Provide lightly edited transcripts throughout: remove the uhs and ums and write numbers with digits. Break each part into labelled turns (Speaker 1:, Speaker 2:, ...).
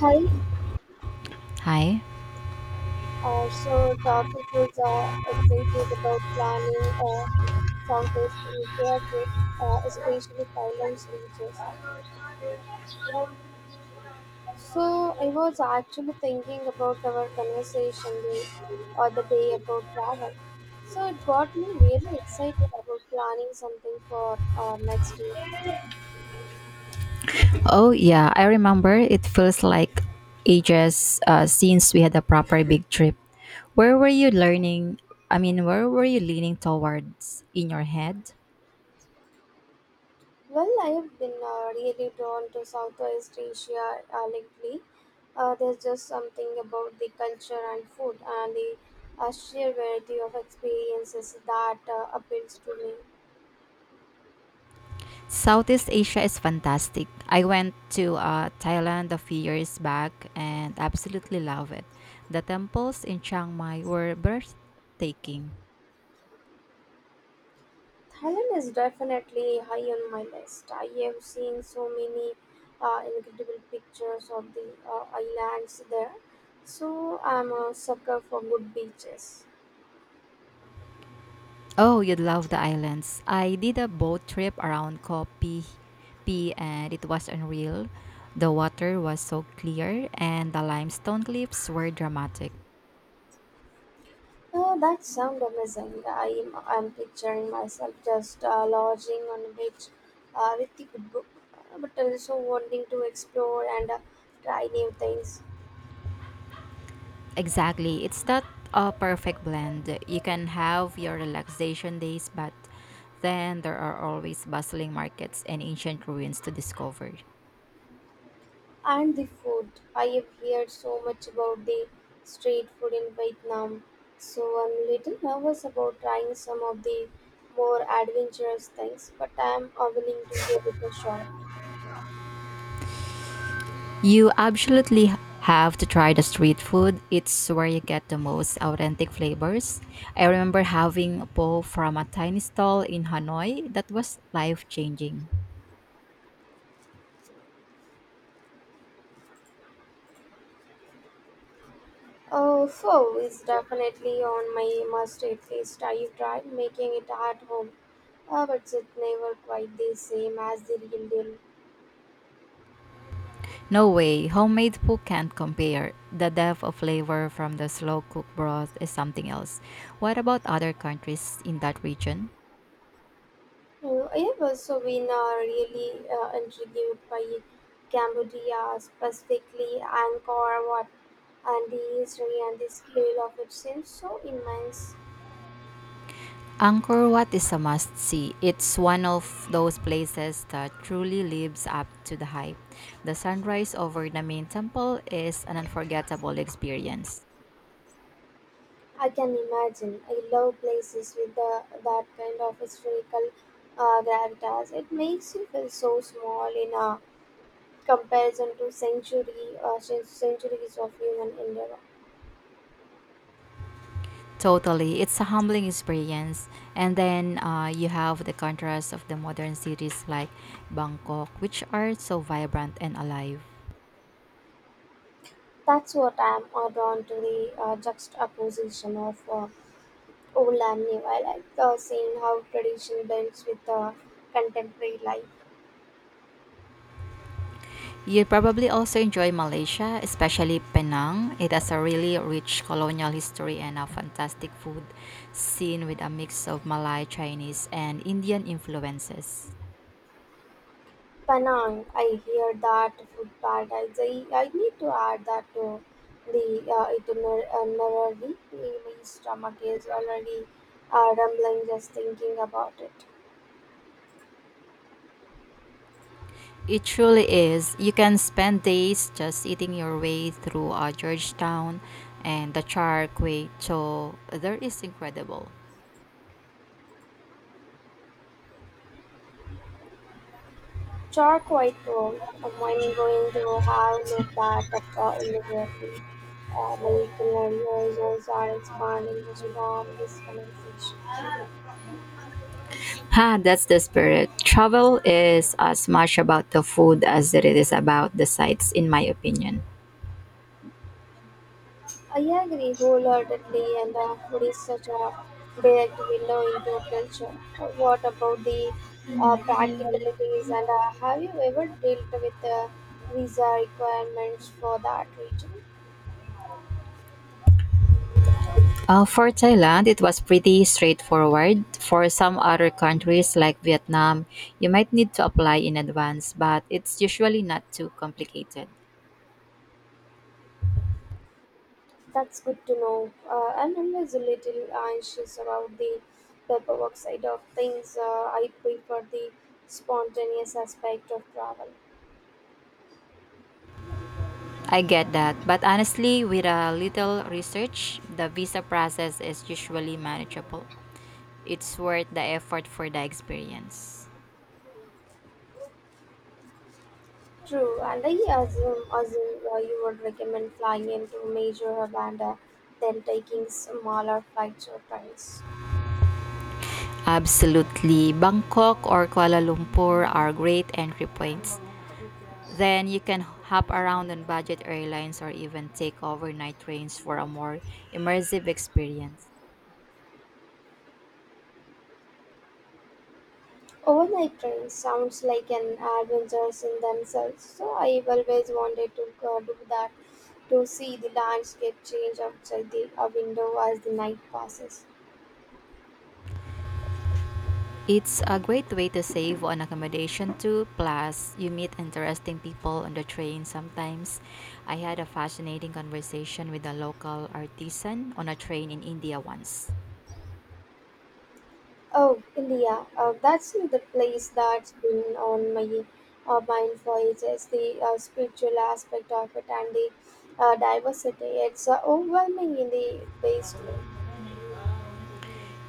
Speaker 1: Hi.
Speaker 2: Hi.
Speaker 1: So topic is excited about planning Southeast Asia trip, especially Thailand's beaches. So I was actually thinking about our conversation the other day about travel. So it got me really excited about planning something for next year.
Speaker 2: Oh, yeah, I remember. It feels like ages since we had a proper big trip. Where were you learning? I mean, where were you leaning towards in your head?
Speaker 1: Well, I've been really drawn to Southeast Asia lately. There's just something about the culture and food and the sheer variety of experiences that appeals to me.
Speaker 2: Southeast Asia is fantastic. I went to Thailand a few years back and absolutely love it. The temples in Chiang Mai were breathtaking.
Speaker 1: Thailand is definitely high on my list. I have seen so many incredible pictures of the islands there, so I'm a sucker for good beaches.
Speaker 2: Oh, you'd love the islands. I did a boat trip around Koh Phi Phi and it was unreal. The water was so clear and the limestone cliffs were dramatic.
Speaker 1: Oh, that sounds amazing. I'm picturing myself just lodging on a beach with the good book, but also wanting to explore and try new things.
Speaker 2: Exactly. It's that a perfect blend. You can have your relaxation days, but then there are always bustling markets and ancient ruins to discover.
Speaker 1: And the food. I have heard so much about the street food in Vietnam, so I'm a little nervous about trying some of the more adventurous things, but I'm willing to give it a shot.
Speaker 2: You absolutely have to try the street food. It's where you get the most authentic flavors. I remember having po from a tiny stall in Hanoi that was life changing.
Speaker 1: Oh, pho is definitely on my must-eat list. I have tried making it at home, but it's never quite the same as the real deal.
Speaker 2: No way, homemade po can't compare. The depth of flavor from the slow cooked broth is something else. What about other countries in that region?
Speaker 1: I have also been really intrigued by Cambodia, specifically Angkor Wat, and the history and the scale of it seems so immense.
Speaker 2: Angkor Wat is a must see. It's one of those places that truly lives up to the hype. The sunrise over the main temple is an unforgettable experience.
Speaker 1: I can imagine. I love places with that kind of historical gravitas. It makes you feel so small in a comparison to centuries of human endeavor.
Speaker 2: Totally, it's a humbling experience. And then you have the contrast of the modern cities like Bangkok, which are so vibrant and alive.
Speaker 1: That's what I'm drawn to, the juxtaposition of old and new. I like seeing how tradition blends with contemporary life.
Speaker 2: You probably also enjoy Malaysia, especially Penang. It has a really rich colonial history and a fantastic food scene with a mix of Malay, Chinese, and Indian influences.
Speaker 1: Penang, I hear that food paradise. I need to add that to the itinerary. My stomach is already rumbling just thinking about it.
Speaker 2: It truly is. You can spend days just eating your way through Georgetown and the Char Kway Teow. There is incredible.
Speaker 1: Charquaoia I'm going to have no part of immediately. My culinary horizons are expanding just from this conversation.
Speaker 2: Ha, that's the spirit. Travel is as much about the food as it is about the sights, in my opinion.
Speaker 1: I agree wholeheartedly, and food is such a direct window into culture. What about the practicalities? And have you ever dealt with the visa requirements for that region?
Speaker 2: For Thailand, it was pretty straightforward. For some other countries like Vietnam, you might need to apply in advance, but it's usually not too complicated.
Speaker 1: That's good to know. I'm always a little anxious about the paperwork side of things. I prefer the spontaneous aspect of travel.
Speaker 2: I get that, but honestly, with a little research, the visa process is usually manageable. It's worth the effort for the experience.
Speaker 1: True, and I assume you would recommend flying into major Havana than taking smaller flights or trains.
Speaker 2: Absolutely. Bangkok or Kuala Lumpur are great entry points. Then you can hop around on budget airlines or even take overnight trains for a more immersive experience.
Speaker 1: Overnight trains sounds like an adventures in themselves, so I've always wanted to do that to see the landscape change outside the window as the night passes.
Speaker 2: It's a great way to save on accommodation too. Plus, you meet interesting people on the train sometimes. I had a fascinating conversation with a local artisan on a train in India once.
Speaker 1: Oh, India. That's the place that's been on my mind for ages. The spiritual aspect of it and the diversity. It's overwhelming in the best way.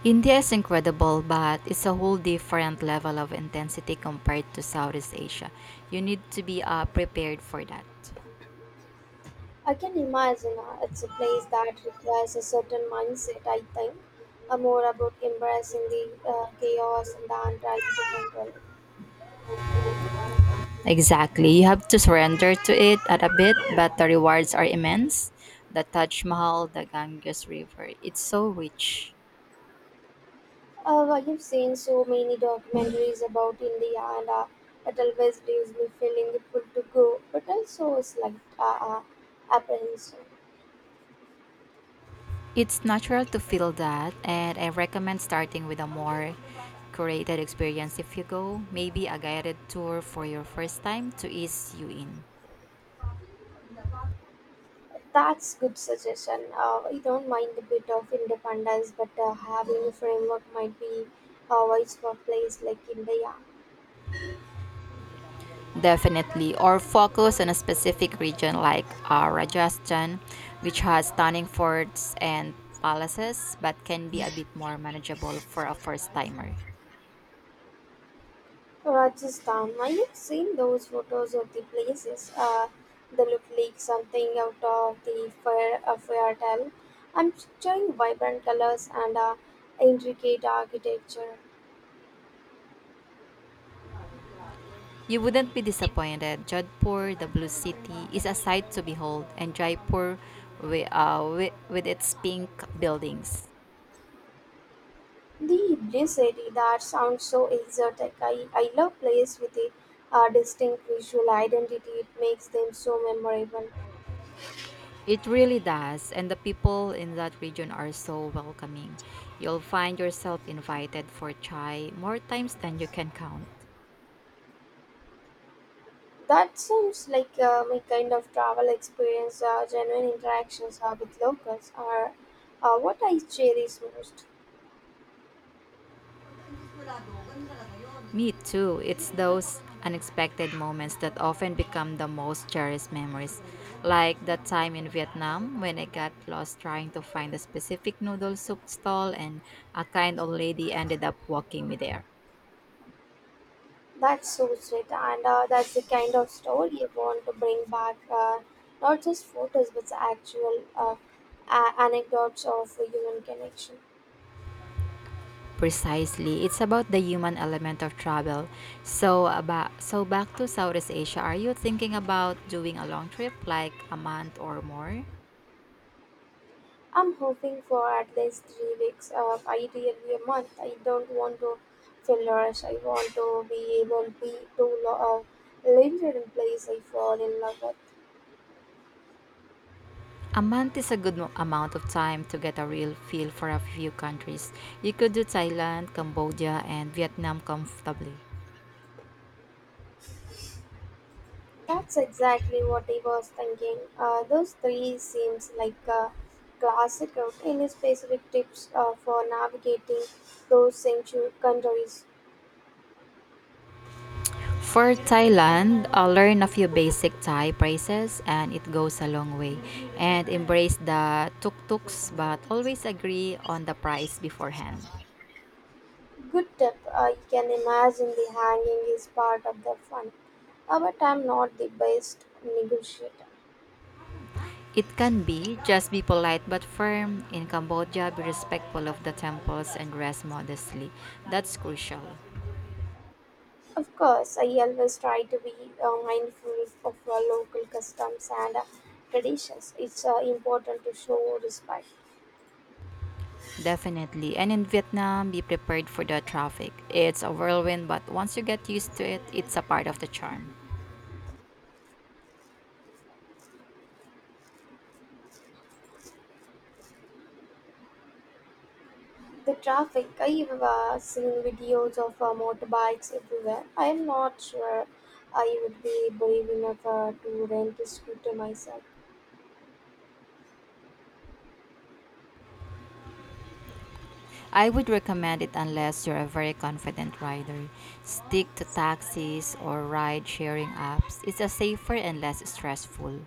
Speaker 2: India is incredible, but it's a whole different level of intensity compared to Southeast Asia. You need to be prepared for that.
Speaker 1: I can imagine it's a place that requires a certain mindset, I think, more about embracing the chaos than trying to control it.
Speaker 2: Exactly. You have to surrender to it at a bit, but the rewards are immense. The Taj Mahal, the Ganges River, it's so rich.
Speaker 1: Well, you've seen so many documentaries about India, and it always leaves me feeling good to go, but also a slight apprehension.
Speaker 2: It's natural to feel that, and I recommend starting with a more curated experience if you go, maybe a guided tour for your first time to ease you in.
Speaker 1: That's good suggestion. I don't mind a bit of independence, but having a framework might be wise for a place like India.
Speaker 2: Definitely, or focus on a specific region like Rajasthan, which has stunning forts and palaces, but can be a bit more manageable for a first timer.
Speaker 1: Rajasthan. I have seen those photos of the places. They look like something out of a fairy tale. I'm picturing vibrant colors and intricate architecture.
Speaker 2: You wouldn't be disappointed. Jodhpur, the Blue City, is a sight to behold, and Jaipur with its pink buildings.
Speaker 1: The blue city that sounds so exotic. I love places with a distinct visual identity. It makes them so memorable.
Speaker 2: It really does, and the people in that region are so welcoming. You'll find yourself invited for chai more times than you can count.
Speaker 1: That sounds like my kind of travel experience. Genuine interactions with locals are what I cherish most.
Speaker 2: Me too. It's those unexpected moments that often become the most cherished memories. Like that time in Vietnam when I got lost trying to find a specific noodle soup stall and a kind old lady ended up walking me there.
Speaker 1: That's so sweet, and that's the kind of story you want to bring back. Not just photos, but the actual anecdotes of human connection.
Speaker 2: Precisely. It's about the human element of travel. So back to Southeast Asia, are you thinking about doing a long trip like a month or more?
Speaker 1: I'm hoping for at least 3 weeks, ideally a month. I don't want to feel rushed. I want to be able to linger in place I fall in love with.
Speaker 2: A month is a good amount of time to get a real feel for a few countries. You could do Thailand, Cambodia, and Vietnam comfortably.
Speaker 1: That's exactly what I was thinking. Those three seems like a classic route. Any specific tips for navigating those sanctuary countries?
Speaker 2: For Thailand, learn a few basic Thai phrases and it goes a long way. And embrace the tuk-tuks but always agree on the price beforehand.
Speaker 1: Good tip. I can imagine the hanging is part of the fun, but I'm not the best negotiator.
Speaker 2: It can be just be polite but firm. In Cambodia, be respectful of the temples and dress modestly. That's crucial.
Speaker 1: Of course, I always try to be mindful of local customs and traditions. It's important to show respect.
Speaker 2: Definitely. And in Vietnam, be prepared for the traffic. It's a whirlwind, but once you get used to it, it's a part of the charm.
Speaker 1: The traffic, I've seen videos of motorbikes everywhere. I'm not sure I would be brave enough to rent a scooter myself.
Speaker 2: I would recommend it unless you're a very confident rider. Stick to taxis or ride sharing apps. It's a safer and less stressful.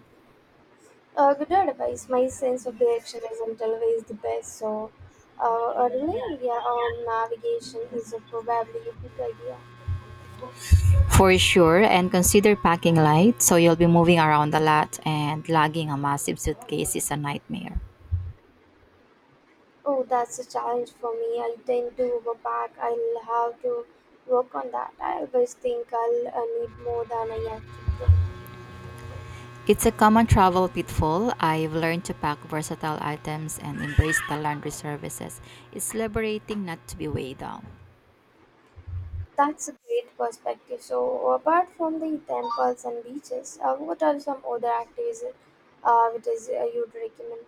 Speaker 1: Good advice. My sense of direction isn't always the best, so a relay, yeah, on navigation is probably a good idea.
Speaker 2: For sure, and consider packing light so you'll be moving around a lot and lugging a massive suitcase is a nightmare.
Speaker 1: Oh, that's a challenge for me. I tend to overpack. I'll have to work on that. I always think I'll need more than I actually do.
Speaker 2: It's a common travel pitfall. I've learned to pack versatile items and embrace the laundry services. It's liberating not to be weighed down.
Speaker 1: That's a great perspective. So, apart from the temples and beaches, what are some other activities you'd recommend?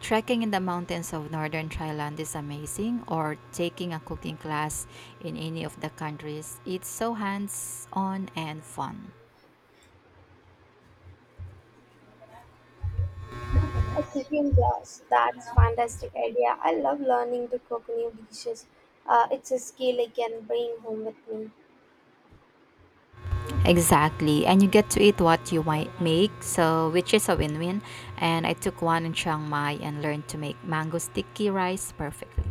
Speaker 2: Trekking in the mountains of northern Thailand is amazing, or taking a cooking class in any of the countries. It's so hands on and fun.
Speaker 1: A cooking class. That's fantastic idea. I love learning to cook new dishes. It's a skill I can bring home with me.
Speaker 2: Exactly, and you get to eat what you might make, so which is a win win. And I took one in Chiang Mai and learned to make mango sticky rice perfectly.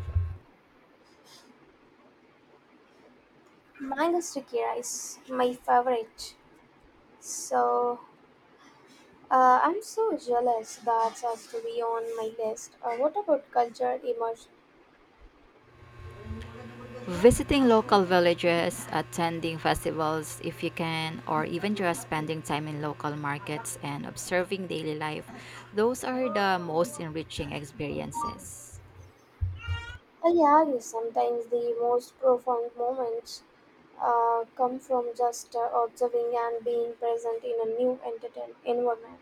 Speaker 1: Mango sticky rice, my favorite. So, I'm so jealous that has to be on my list. What about culture immersion?
Speaker 2: Visiting local villages, attending festivals if you can, or even just spending time in local markets and observing daily life, those are the most enriching experiences.
Speaker 1: I agree, sometimes the most profound moments come from just observing and being present in a new entertain environment.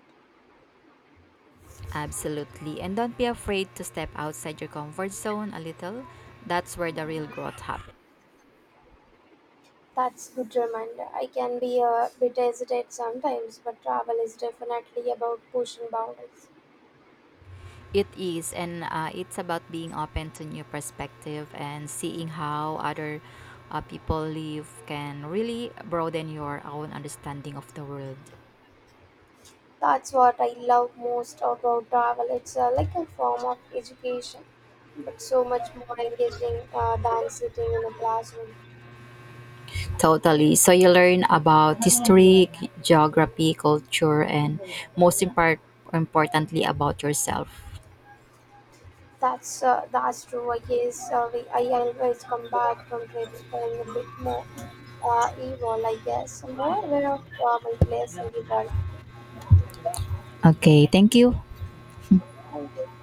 Speaker 2: Absolutely. And don't be afraid to step outside your comfort zone a little. That's where the real growth happens.
Speaker 1: That's good reminder. I can be a bit hesitant sometimes, but travel is definitely about pushing boundaries.
Speaker 2: It is, and it's about being open to new perspective and seeing how other people live can really broaden your own understanding of the world.
Speaker 1: That's what I love most about travel. It's like a form of education, but so much more engaging than sitting in a classroom.
Speaker 2: Totally. So you learn about history, geography, culture, and most importantly, about yourself.
Speaker 1: That's true. I guess I always come back from trips feeling a bit more evil. I guess more aware of my place in the world.
Speaker 2: Okay, thank you.
Speaker 1: Thank you.